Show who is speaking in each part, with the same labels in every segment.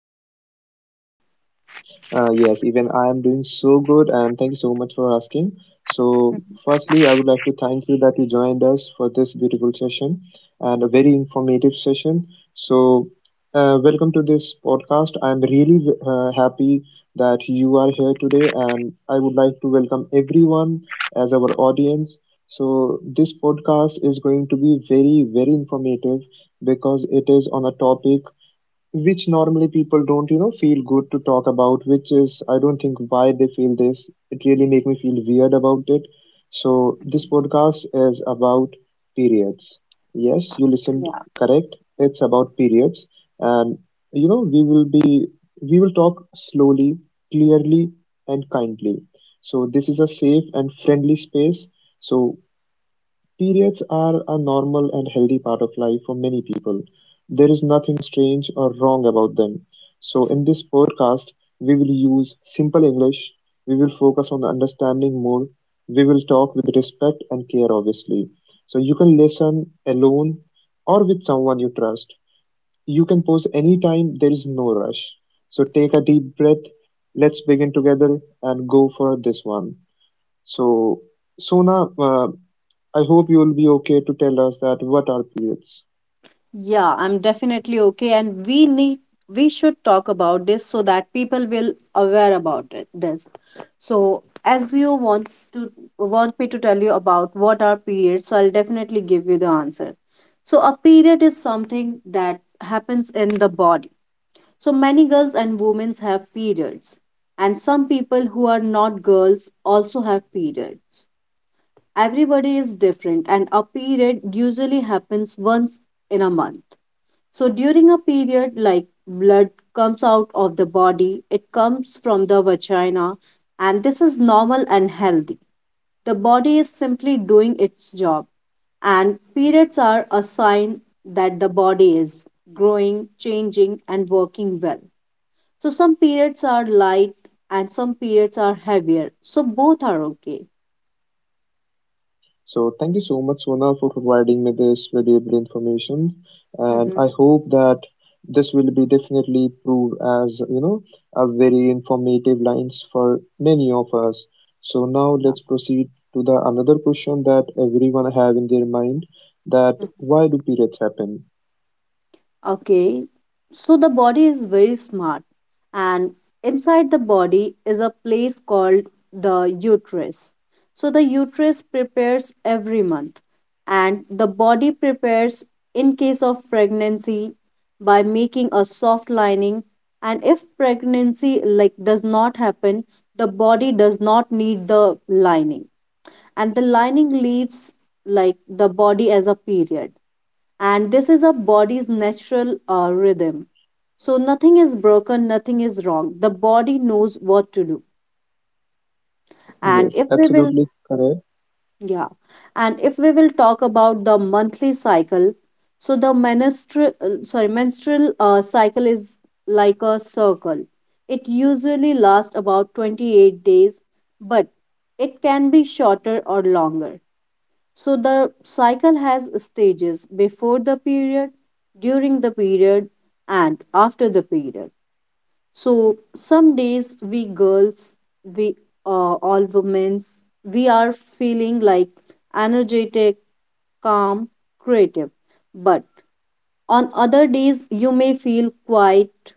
Speaker 1: good. What about you?
Speaker 2: Yes, even I am doing so good, and thank you so much for asking. So, firstly, I would like to thank you that you joined us for this beautiful session and a very informative session. So, welcome to this podcast. I'm really happy that you are here today, and I would like to welcome everyone as our audience. So, this podcast is going to be very, very informative because it is on a topic which normally people don't feel good to talk about, which is, I don't think why they feel this, it really make me feel weird about it. So this podcast is about periods. Yes, you listened correct, it's about periods, and you know we will be we will talk slowly, clearly and kindly. So this is a safe and friendly space. So periods are a normal and healthy part of life for many people. There is nothing strange or wrong about them. So, in this podcast, we will use simple English, we will focus on understanding more, we will talk with respect and care, obviously. So, you can listen alone or with someone you trust. You can pause anytime, there is no rush. So, take a deep breath, let's begin together and go for this one. So, Sona, I hope
Speaker 1: Yeah, I'm definitely okay. And we should talk about this so that people will aware about it, this. So as you to want me to tell you about what are periods, so I'll definitely give you the answer. So a period is something that happens in the body. So many girls and women have periods. And some people who are not girls also have periods. Everybody is different, and a period usually happens once in a month. So during a period, like blood comes out of the body, it comes from the vagina, and this is normal and healthy. The body is simply doing its job, and periods are a sign that the body is growing, changing, and working well. So some periods are light and some periods are heavier. So both are okay. Mhm. Yeah. Okay, so the body is very smart, and inside the body is a place called the uterus. So the uterus prepares every month, and the body prepares in case of pregnancy by making a soft lining. And if pregnancy like does not happen, the body does not need the lining, and the lining leaves like the body as a period, and this is our body's natural rhythm. So nothing is broken, nothing is wrong. The body knows what to do. And if we will, yeah, and if we will talk about the monthly cycle, so the menstrual cycle is like a circle. It usually lasts about 28 days, but it can be shorter or longer. So the cycle has stages before the period, during the period, and after the period. So some days we girls, we all women, we are feeling like energetic, calm, creative. But on other days, you may feel quiet,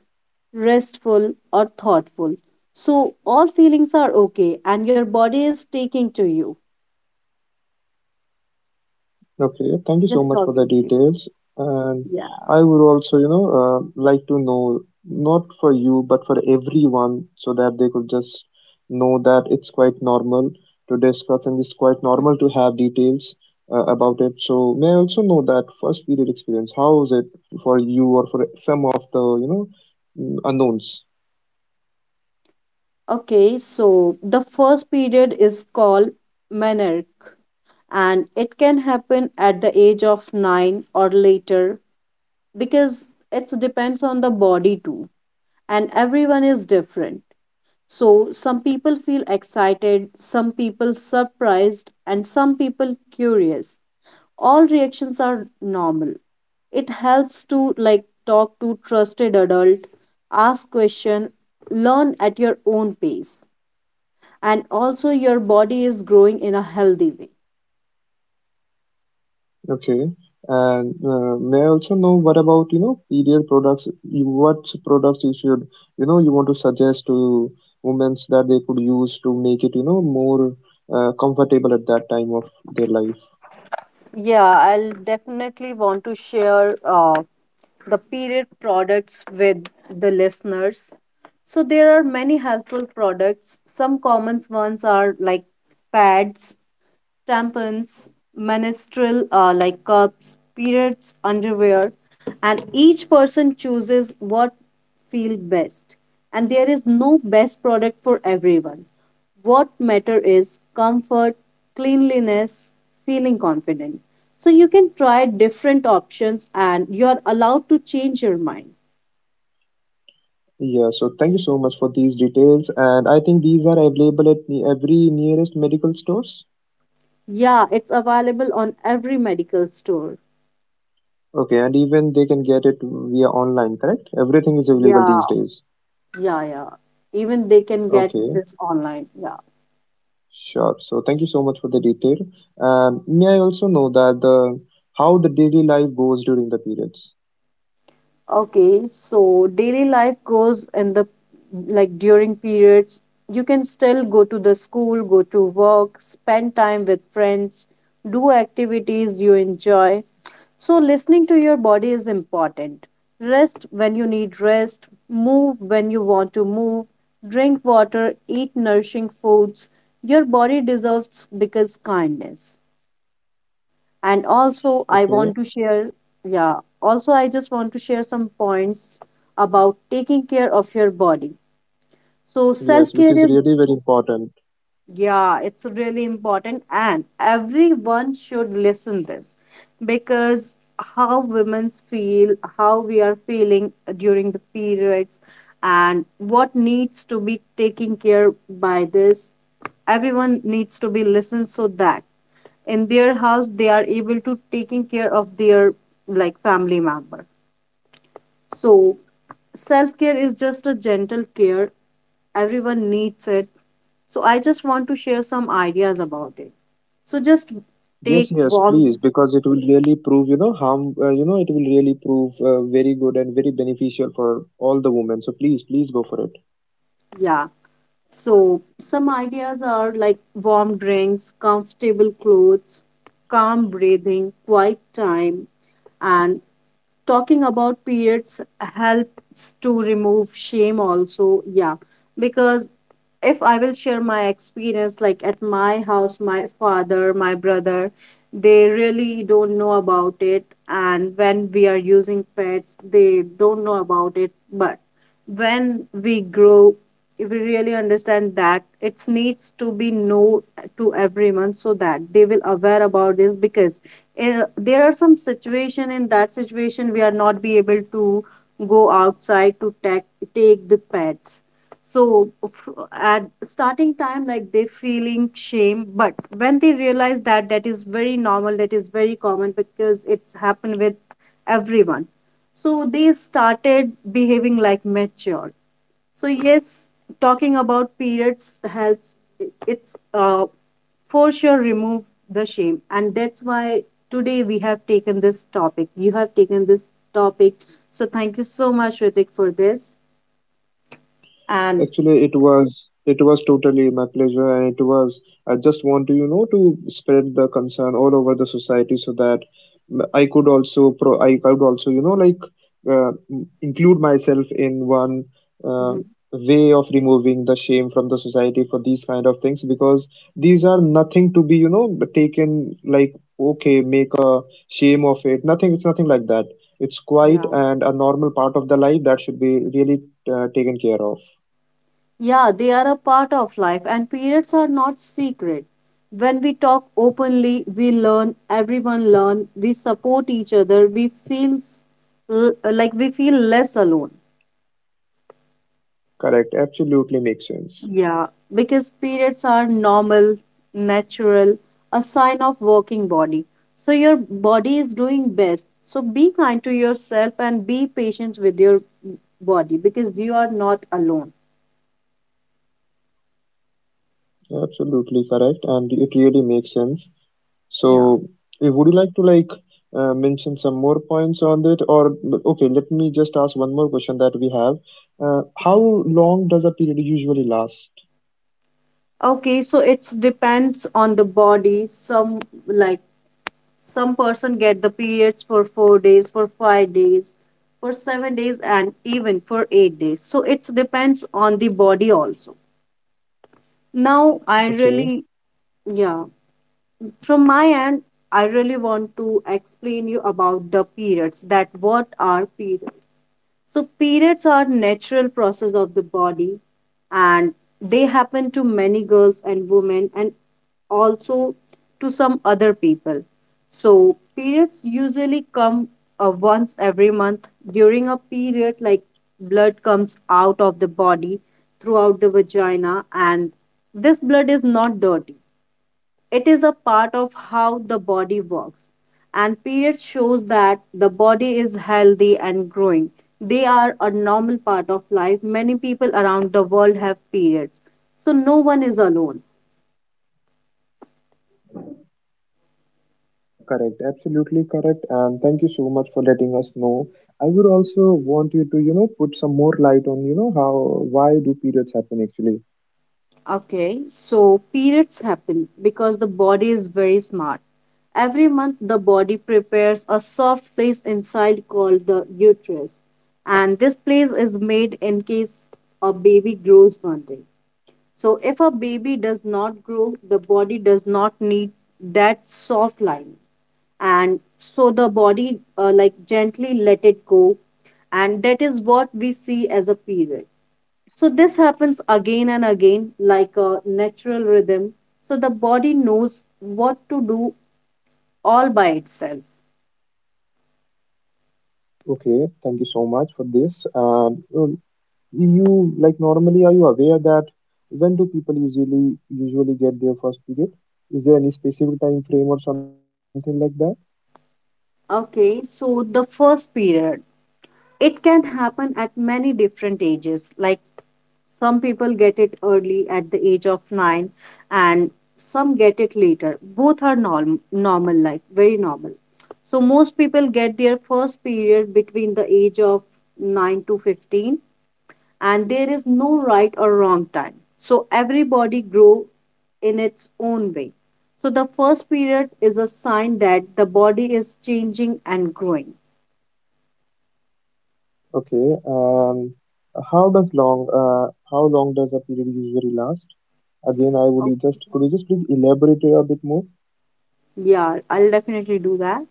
Speaker 1: restful, or thoughtful. So all feelings are okay, and your body is taking to you. Just talking to you. Yeah. Okay, so the first period is called menarche, and it can happen at the age of 9 or later because it depends on the body too, and everyone is different. So some people feel excited, some people surprised, and some people curious. All reactions are normal. It helps to like talk to trusted adult, ask question, learn at your own pace, and also your body is growing in a healthy way. Yeah, I'll definitely want to share the period products with the listeners. So there are many helpful products. Some common ones are like pads, tampons, menstrual like cups, periods, underwear, and each person chooses what feel best. And there is no best product for everyone. What matter is comfort, cleanliness, feeling confident. So you can try different options, and you're allowed to change your mind. Yeah, it's available on every medical store. Yeah. Yeah, yeah. Even they can get this online. Yeah. Okay, so daily life goes in the like during periods. You can still go to the school, go to work, spend time with friends, do activities you enjoy. So listening to your body is important. Rest when you need rest, move when you want to move, drink water, eat nourishing foods. Your body deserves because kindness, and also yeah I just want to share some points about taking care of your body. So self care is, yeah, it's really important, and everyone should listen this because how women feel, how we are feeling during the periods, and what needs to be taken care by this. Everyone needs to be listened so that in their house they are able to taking care of their like family member. So self care is just a gentle care. Everyone needs it. So I just want to share some ideas about it. So just take warm, yeah. So some ideas are like warm drinks, comfortable clothes, calm breathing, quiet time, and talking about periods helps to remove shame also. Yeah, because if I will share my experience, like at my house, my father, my brother, they really don't know about it, and when we are using pets, they don't know about it. But when we grow, we really understand that it needs to be known to everyone so that they will aware about this because there are some situation, in that situation we are not be able to go outside to take the pets. So at starting time, like they feeling shame. But when they realize that that is very normal, that is very common because it's happened with everyone, so they started behaving like mature. So yes, talking about periods helps. It's for sure remove the shame, and that's why today we have taken this topic. You have taken this topic, so thank you so much, Ritik, for this. And Mhm. Yeah, yeah, they are a part of life, and periods are not secret. When we talk openly, we learn. Everyone learn. We support each other. We feels like we feel less alone. Yeah, because periods are normal, natural, a sign of working body. So your body is doing best. So be kind to yourself and be patient with your body because you are not alone. Yeah. Okay, so it's depends on the body. Like some person get the periods for 4 days, for 5 days, for 7 days, and even for 8 days. So it's depends on the body also. Now I really, yeah, from my end I really want to explain you about the periods, that what are periods. So periods are natural process of the body, and they happen to many girls and women, and also to some other people. So periods usually come once every month. During a period, like blood comes out of the body throughout the vagina, and this blood is not dirty, it is a part of how the body works. And period shows that the body is healthy and growing. They are a normal part of life. Many people around the world have periods. So no one is alone. Okay, so periods happen because the body is very smart. Every month, the body prepares a soft place inside called the uterus, and this place is made in case a baby grows one day. So if a baby does not grow, the body does not need that soft lining. And so the body like gently let it go. And that is what we see as a period. So this happens again and again like a natural rhythm. So the body knows what to do all by itself. Okay, so the first period. It can happen at many different ages. Like some people get it early at the age of 9, and some get it later. Both are normal, like very normal. So most people get their first period between the age of 9 to 15, and there is no right or wrong time. So everybody grow in its own way. So the first period is a sign that the body is changing and growing. Yeah, I'll definitely do that.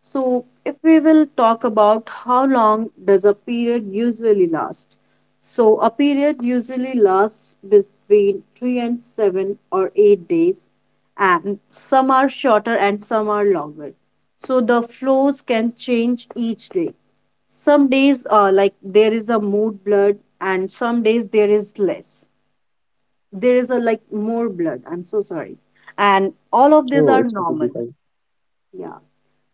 Speaker 1: So if we will talk about how long does a period usually last? So a period usually lasts between 3 and 7 or 8 days, and some are shorter and some are longer. So the flows can change each day. Some days like there is a more blood, and some days there is less. There is a like more blood. I'm so sorry. And all of these are normal. Yeah.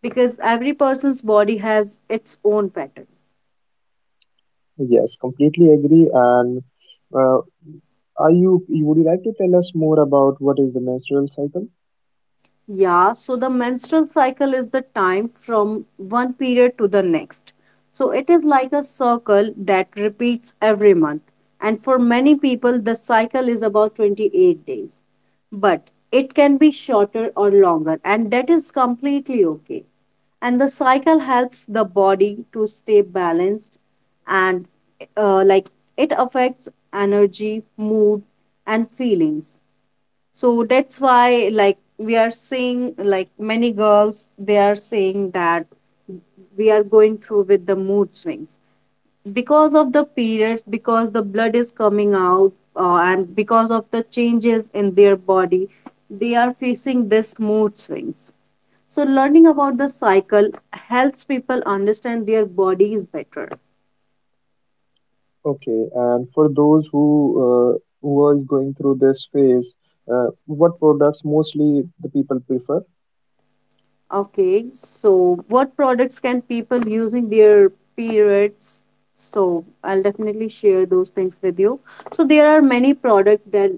Speaker 1: Because every person's body has its own pattern. Yeah, so the menstrual cycle is the time from one period to the next. So it is like a circle that repeats every month. And for many people, the cycle is about 28 days. But it can be shorter or longer, and that is completely okay. And the cycle helps the body to stay balanced, and like it affects energy, mood, and feelings. So that's why like we are seeing like many girls they are saying that we are going through with the mood swings because of the periods, because the blood is coming out and because of the changes in their body they are facing this mood swings. So learning about the cycle helps people understand their bodies better. Okay, so what products can people using their periods? So I'll definitely share those things with you. So there are many products that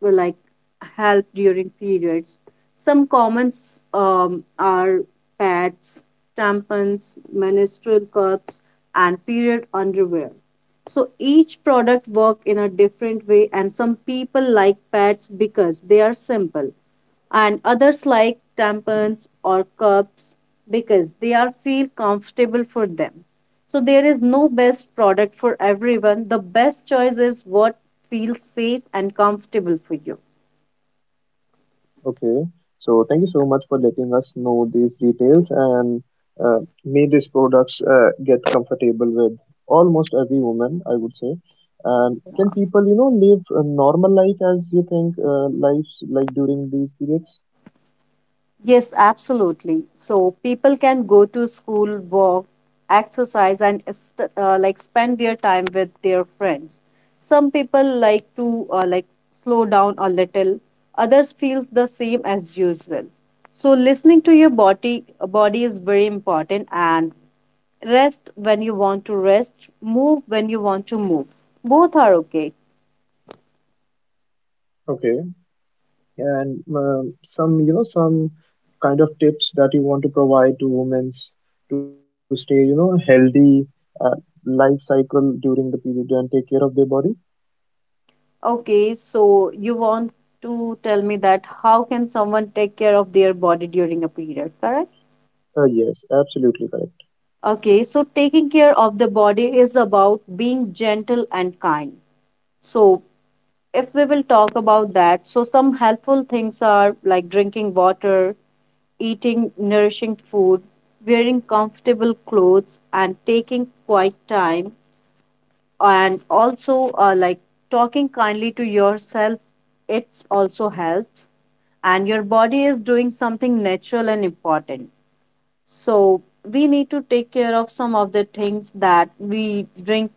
Speaker 1: will like help during periods. Some commons are pads, tampons, menstrual cups, and period underwear. So each product work in a different way, and some people like pads because they are simple and others like tampons or cups because they are feel comfortable for them. So there is no best product for everyone. The best choice is what feels safe and comfortable for you. Yes, absolutely. So people can go to school, walk, exercise, and like spend their time with their friends. Some people like to like slow down a little. Others feels the same as usual. So listening to your body is very important, and rest when you want to rest, move when you want to move. Both are okay. Okay, so you want to tell me that how can someone take care of their body during a period, correct? Okay, so taking care of the body is about being gentle and kind. So, if we will talk about that, so some helpful things are like drinking water, eating nourishing food, wearing comfortable clothes, and taking quiet time, and also like talking kindly to yourself it also helps, and your body is doing something natural and important, so we need to take care of some of the things that we drink,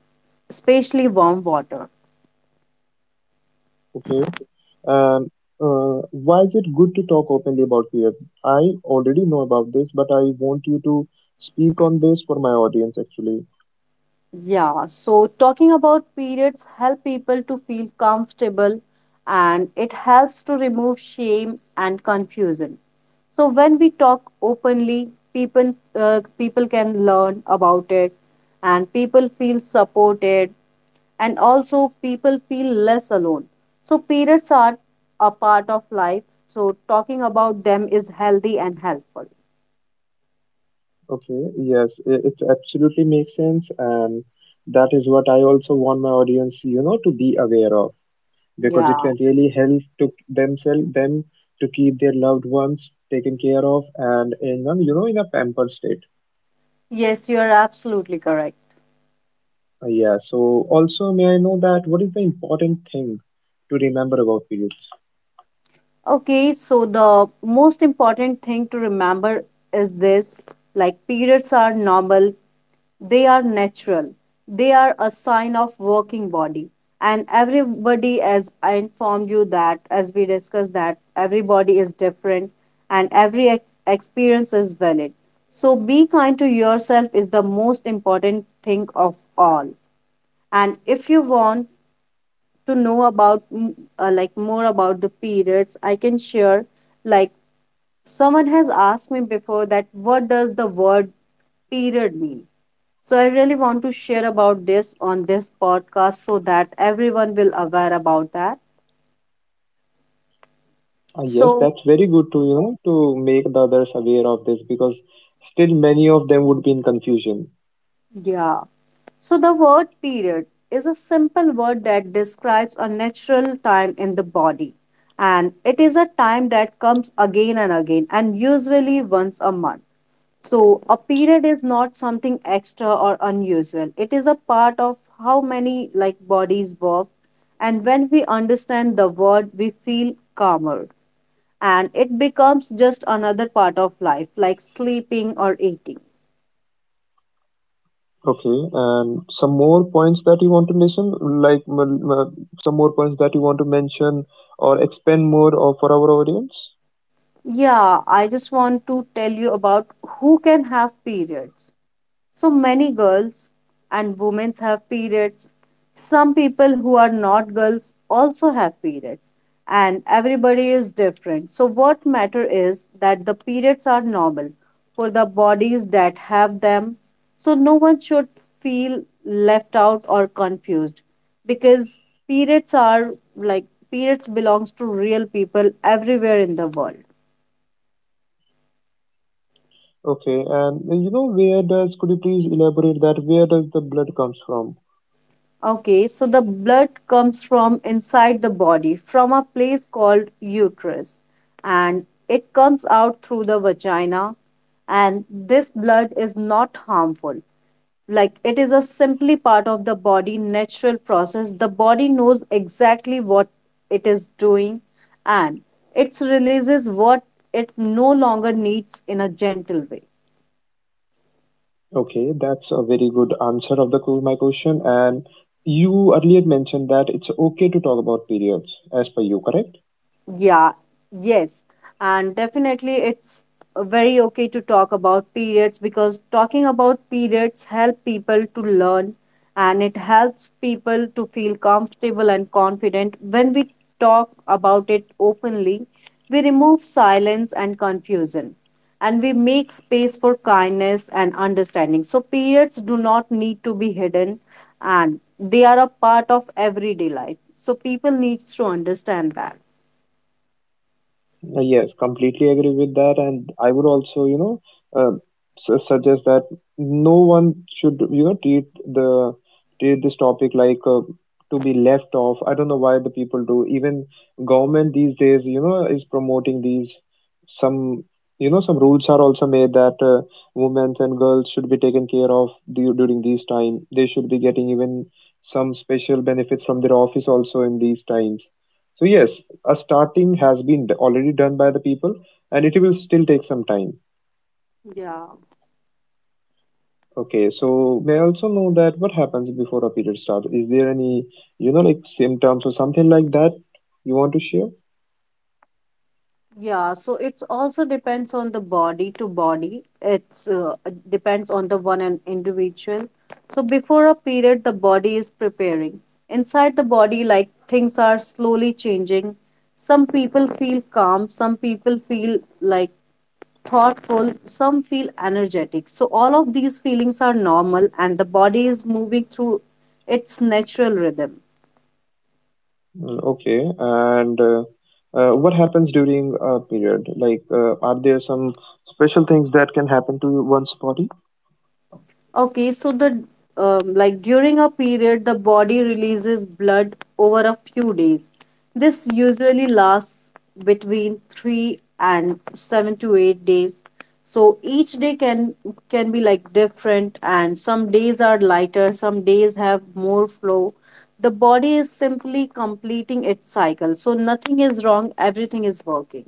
Speaker 1: especially warm water. Yeah, so talking about periods help people to feel comfortable and it helps to remove shame and confusion. So when we talk openly, people can learn about it and people feel supported and also people feel less alone. So periods are a part of life, so talking about them is healthy and helpful. Yeah. Yes, you are absolutely correct. Okay, so the most important thing to remember is this, like, periods are normal, they are natural, they are a sign of working body. And everybody, as I informed you that, as we discussed that, everybody is different and every experience is valid. So be kind to yourself is the most important thing of all. And if you want to know about like more about the periods, I can share, like, someone has asked me before that what does the word period mean? So I really want to share about this on this podcast so that everyone will aware about that. So yeah. So the word period is a simple word that describes a natural time in the body. And it is a time that comes again and again and usually once a month. So, a period is not something extra or unusual. It is a part of how many like bodies work. And when we understand the word, we feel calmer. And it becomes just another part of life, like sleeping or eating. Yeah, I just want to tell you about who can have periods. So many girls and women have periods. Some people who are not girls also have periods. And everybody is different. So what matter is that the periods are normal for the bodies that have them. So no one should feel left out or confused because periods are, like, periods belongs to real people everywhere in the world. Okay, so the blood comes from inside the body, from a place called uterus, and it comes out through the vagina. And this blood is not harmful. Like, it is a simply part of the body natural process. The body knows exactly what it is doing and it releases what it no longer needs in a gentle way. Yeah, yes. And definitely it's very okay to talk about periods because talking about periods help people to learn and it helps people to feel comfortable and confident. When we talk about it openly, we remove silence and confusion and we make space for kindness and understanding. So periods do not need to be hidden and they are a part of everyday life. So people needs to understand that. Yeah, yeah. So it's also depends on the body to body. It's depends on the one and individual. So before a period, the body is preparing. Inside the body, like, things are slowly changing. Some people feel calm. Some people feel like thoughtful. Some feel energetic. So all of these feelings are normal, and the body is moving through its natural rhythm. Okay, so the like during a period, the body releases blood over a few days. This usually lasts between 3 and 7 to 8 days. So each day can be like different, and some days are lighter, some days have more flow. The body is simply completing its cycle, so nothing is wrong, everything is working.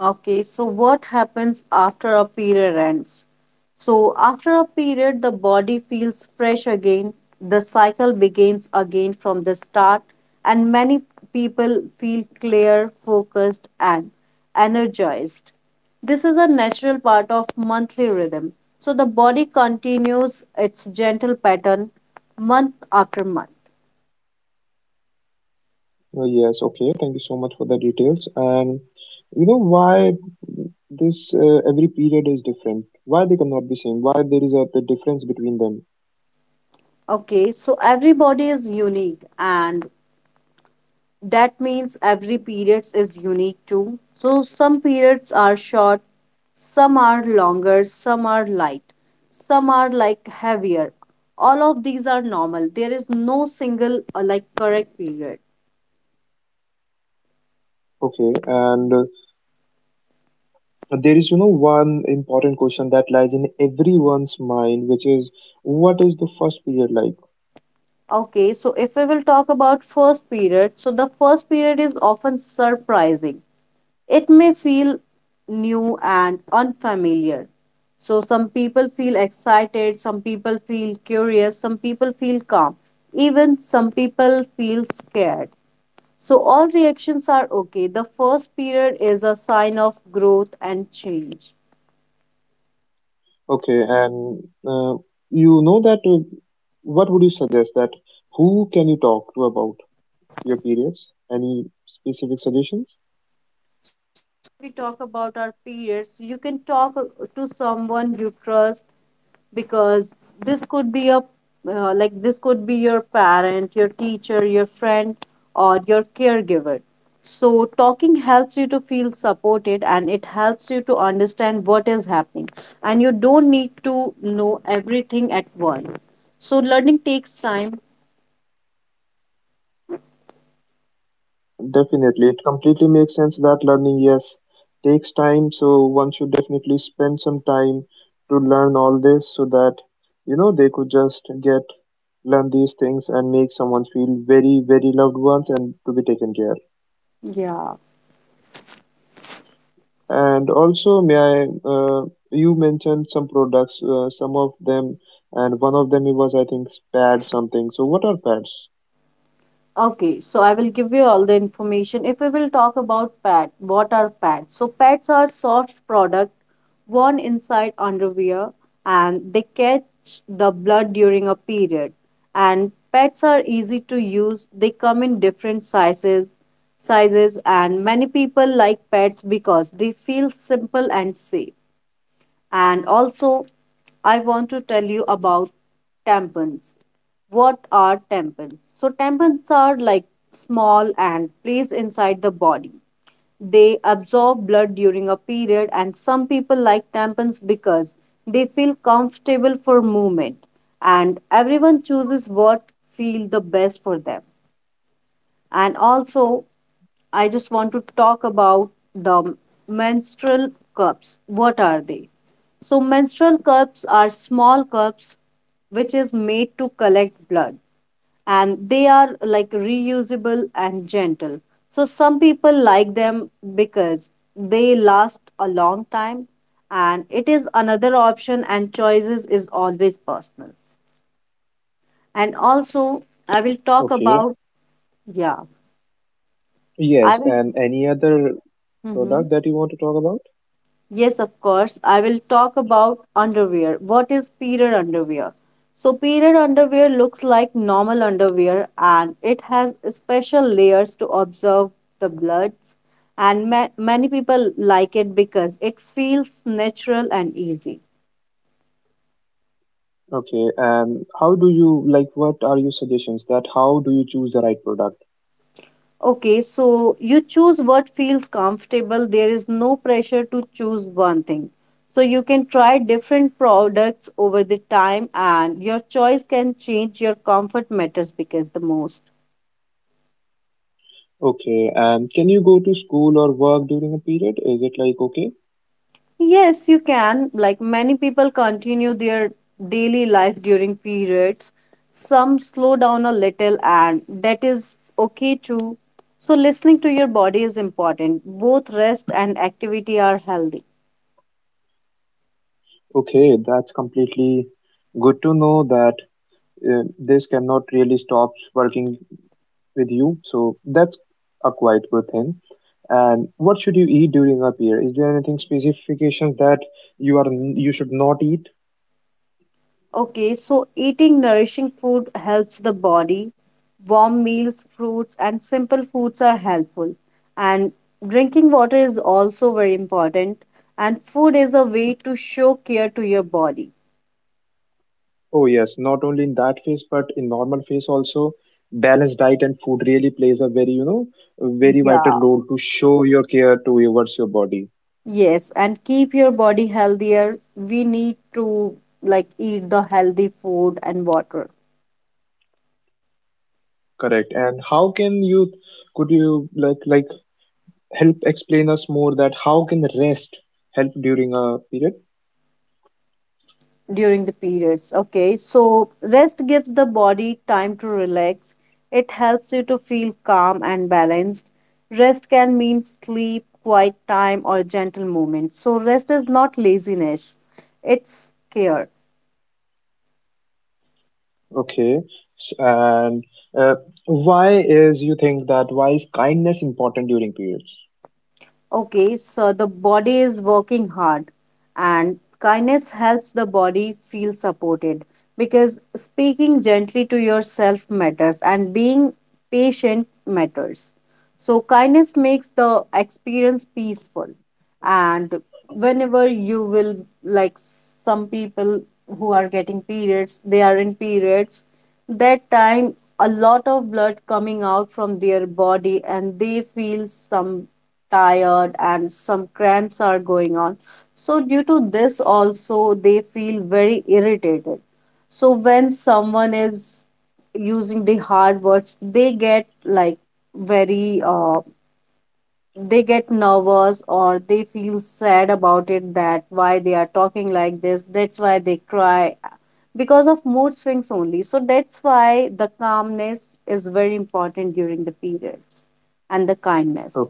Speaker 1: Okay, so what happens after a period ends? So, after a period, the body feels fresh again, the cycle begins again from the start, and many people feel clear, focused, and energized. This is a natural part of monthly rhythm. So, the body continues its gentle pattern month after month. Okay, so every body is unique, and that means every periods is unique too, so some periods are short, some are longer, some are light, some are, like, heavier. All of these are normal. There is no single like correct period. Okay, so if we will talk about first period, so the first period is often surprising. It may feel new and unfamiliar. So, some people feel excited, some people feel curious, some people feel calm, even some people feel scared. So, all reactions are okay. The first period is a sign of growth and change. We talk about our peers, you can talk to someone you trust because this could be a like this could be your parent, your teacher, your friend, or your caregiver. So talking helps you to feel supported and it helps you to understand what is happening, and you don't need to know everything at once. So learning takes time. Yeah. Okay, so I will give you all the information. If we will talk about what are pads? So pads are soft product worn inside underwear and they catch the blood during a period. And pads are easy to use. They come in different sizes, and many people like pads because they feel simple and safe. And also, I want to tell you about tampons. What are tampons? So, tampons are like small and placed inside the body. They absorb blood during a period, and some people like tampons because they feel comfortable for movement. And everyone chooses what feel the best for them. And also, I just want to talk about the menstrual cups. What are they? So, menstrual cups are small cups which is made to collect blood, and they are, like, reusable and gentle. So, some people like them because they last a long time, and it is another option, and choices is always personal. And also, I will talk about, yeah, I will. Mhm. Yes, of course. I will talk about underwear. What is period underwear? So, period underwear looks like normal underwear, and it has special layers to observe the bloods. And many people like it because it feels natural and easy. Okay, so you choose what feels comfortable. There is no pressure to choose one thing. So you can try different products over the time, and your choice can change your comfort matters because the most. Yes, you can. Like, many people continue their daily life during periods. Some slow down a little, and that is okay too. So listening to your body is important. Both rest and activity are healthy. Okay, so eating nourishing food helps the body. Warm meals, fruits, and simple foods are helpful. And drinking water is also very important. And food is a way to show care to your body. Yeah. Yes, and keep your body healthier. We need to, like, eat the healthy food and water during the periods. Okay, so rest gives the body time to relax. It helps you to feel calm and balanced. Rest can mean sleep, quiet time, or gentle movement. So, rest is not laziness, it's care. Okay, so the body is working hard, and kindness helps the body feel supported because speaking gently to yourself matters and being patient matters. So, kindness makes the experience peaceful. And whenever you will, like, some people who are getting periods, they are in periods, that time a lot of blood coming out from their body, and they feel some tired and some cramps are going on, so due to this also they feel very irritated. So when someone is using the hard words, they get like very they get nervous or they feel sad about it, that why they are talking like this. That's why they cry, because of mood swings only. So that's why the calmness is very important during the periods, and the kindness.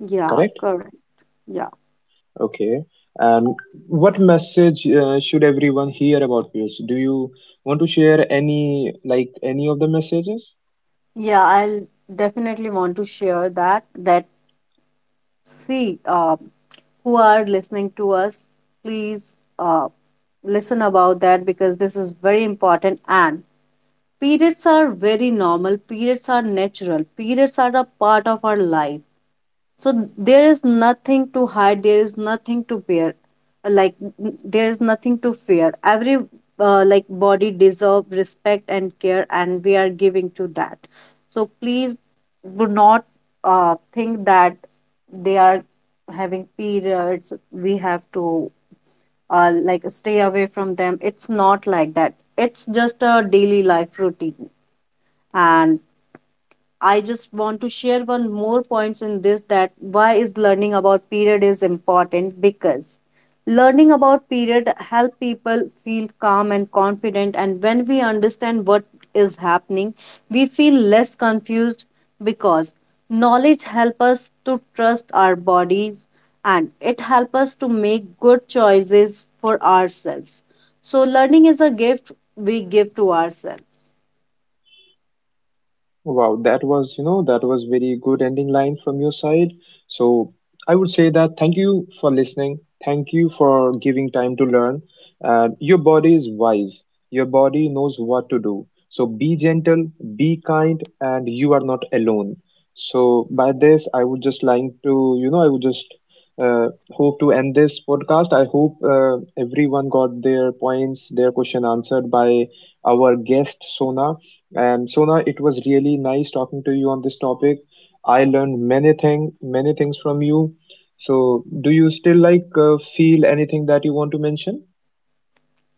Speaker 1: Yeah, correct. Yeah, yeah. I'll definitely want to share that, see, who are listening to us, please listen about that because this is very important. And periods are very normal, periods are natural, periods are a part of our life. So there is nothing to hide, there is nothing to bear, like, there is nothing to fear. Every like body deserve respect and care, and we are giving to that. So please do not think that they are having periods, we have to like stay away from them. It's not like that. It's just a daily life routine. And I just want to share one more points in this, that why is learning about period is important, because learning about period help people feel calm and confident, and when we understand what is happening we feel less confused, because knowledge help us to trust our bodies and it help us to make good choices for ourselves. So learning is a gift we give to ourselves.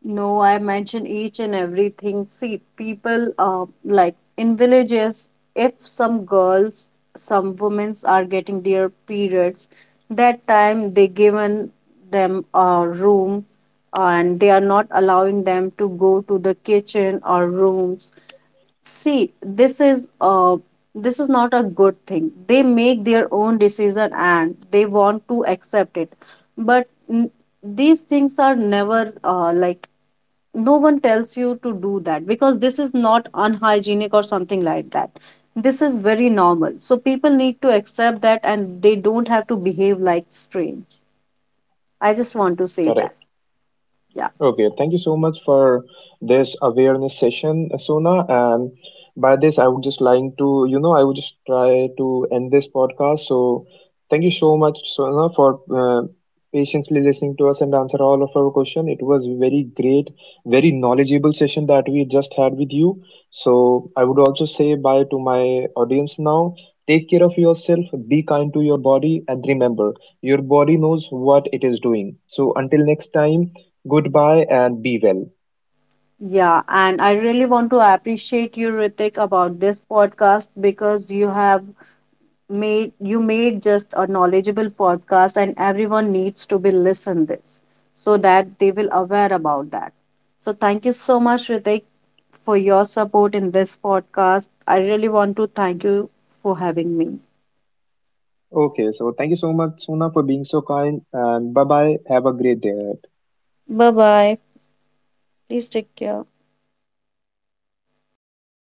Speaker 1: No, I mention each and everything. See, people, like, in villages, if some girls, some women are getting their periods, that time they given them a room and they are not allowing them to go to the kitchen or rooms. See, this is not a good thing. They make their own decision and they want to accept it. But these things are never like no one tells you to do that, because this is not unhygienic or something like that. This is very normal. So people need to accept that, and they don't have to behave like strange. I just want to say that. Yeah. Yeah, and I really want to appreciate you, Ritik, about this podcast, because you made just a knowledgeable podcast, and everyone needs to be listened this so that they will aware about that. So thank you so much, Ritik, for your support in this podcast. I really want to thank you for having me. Bye bye. Please take care.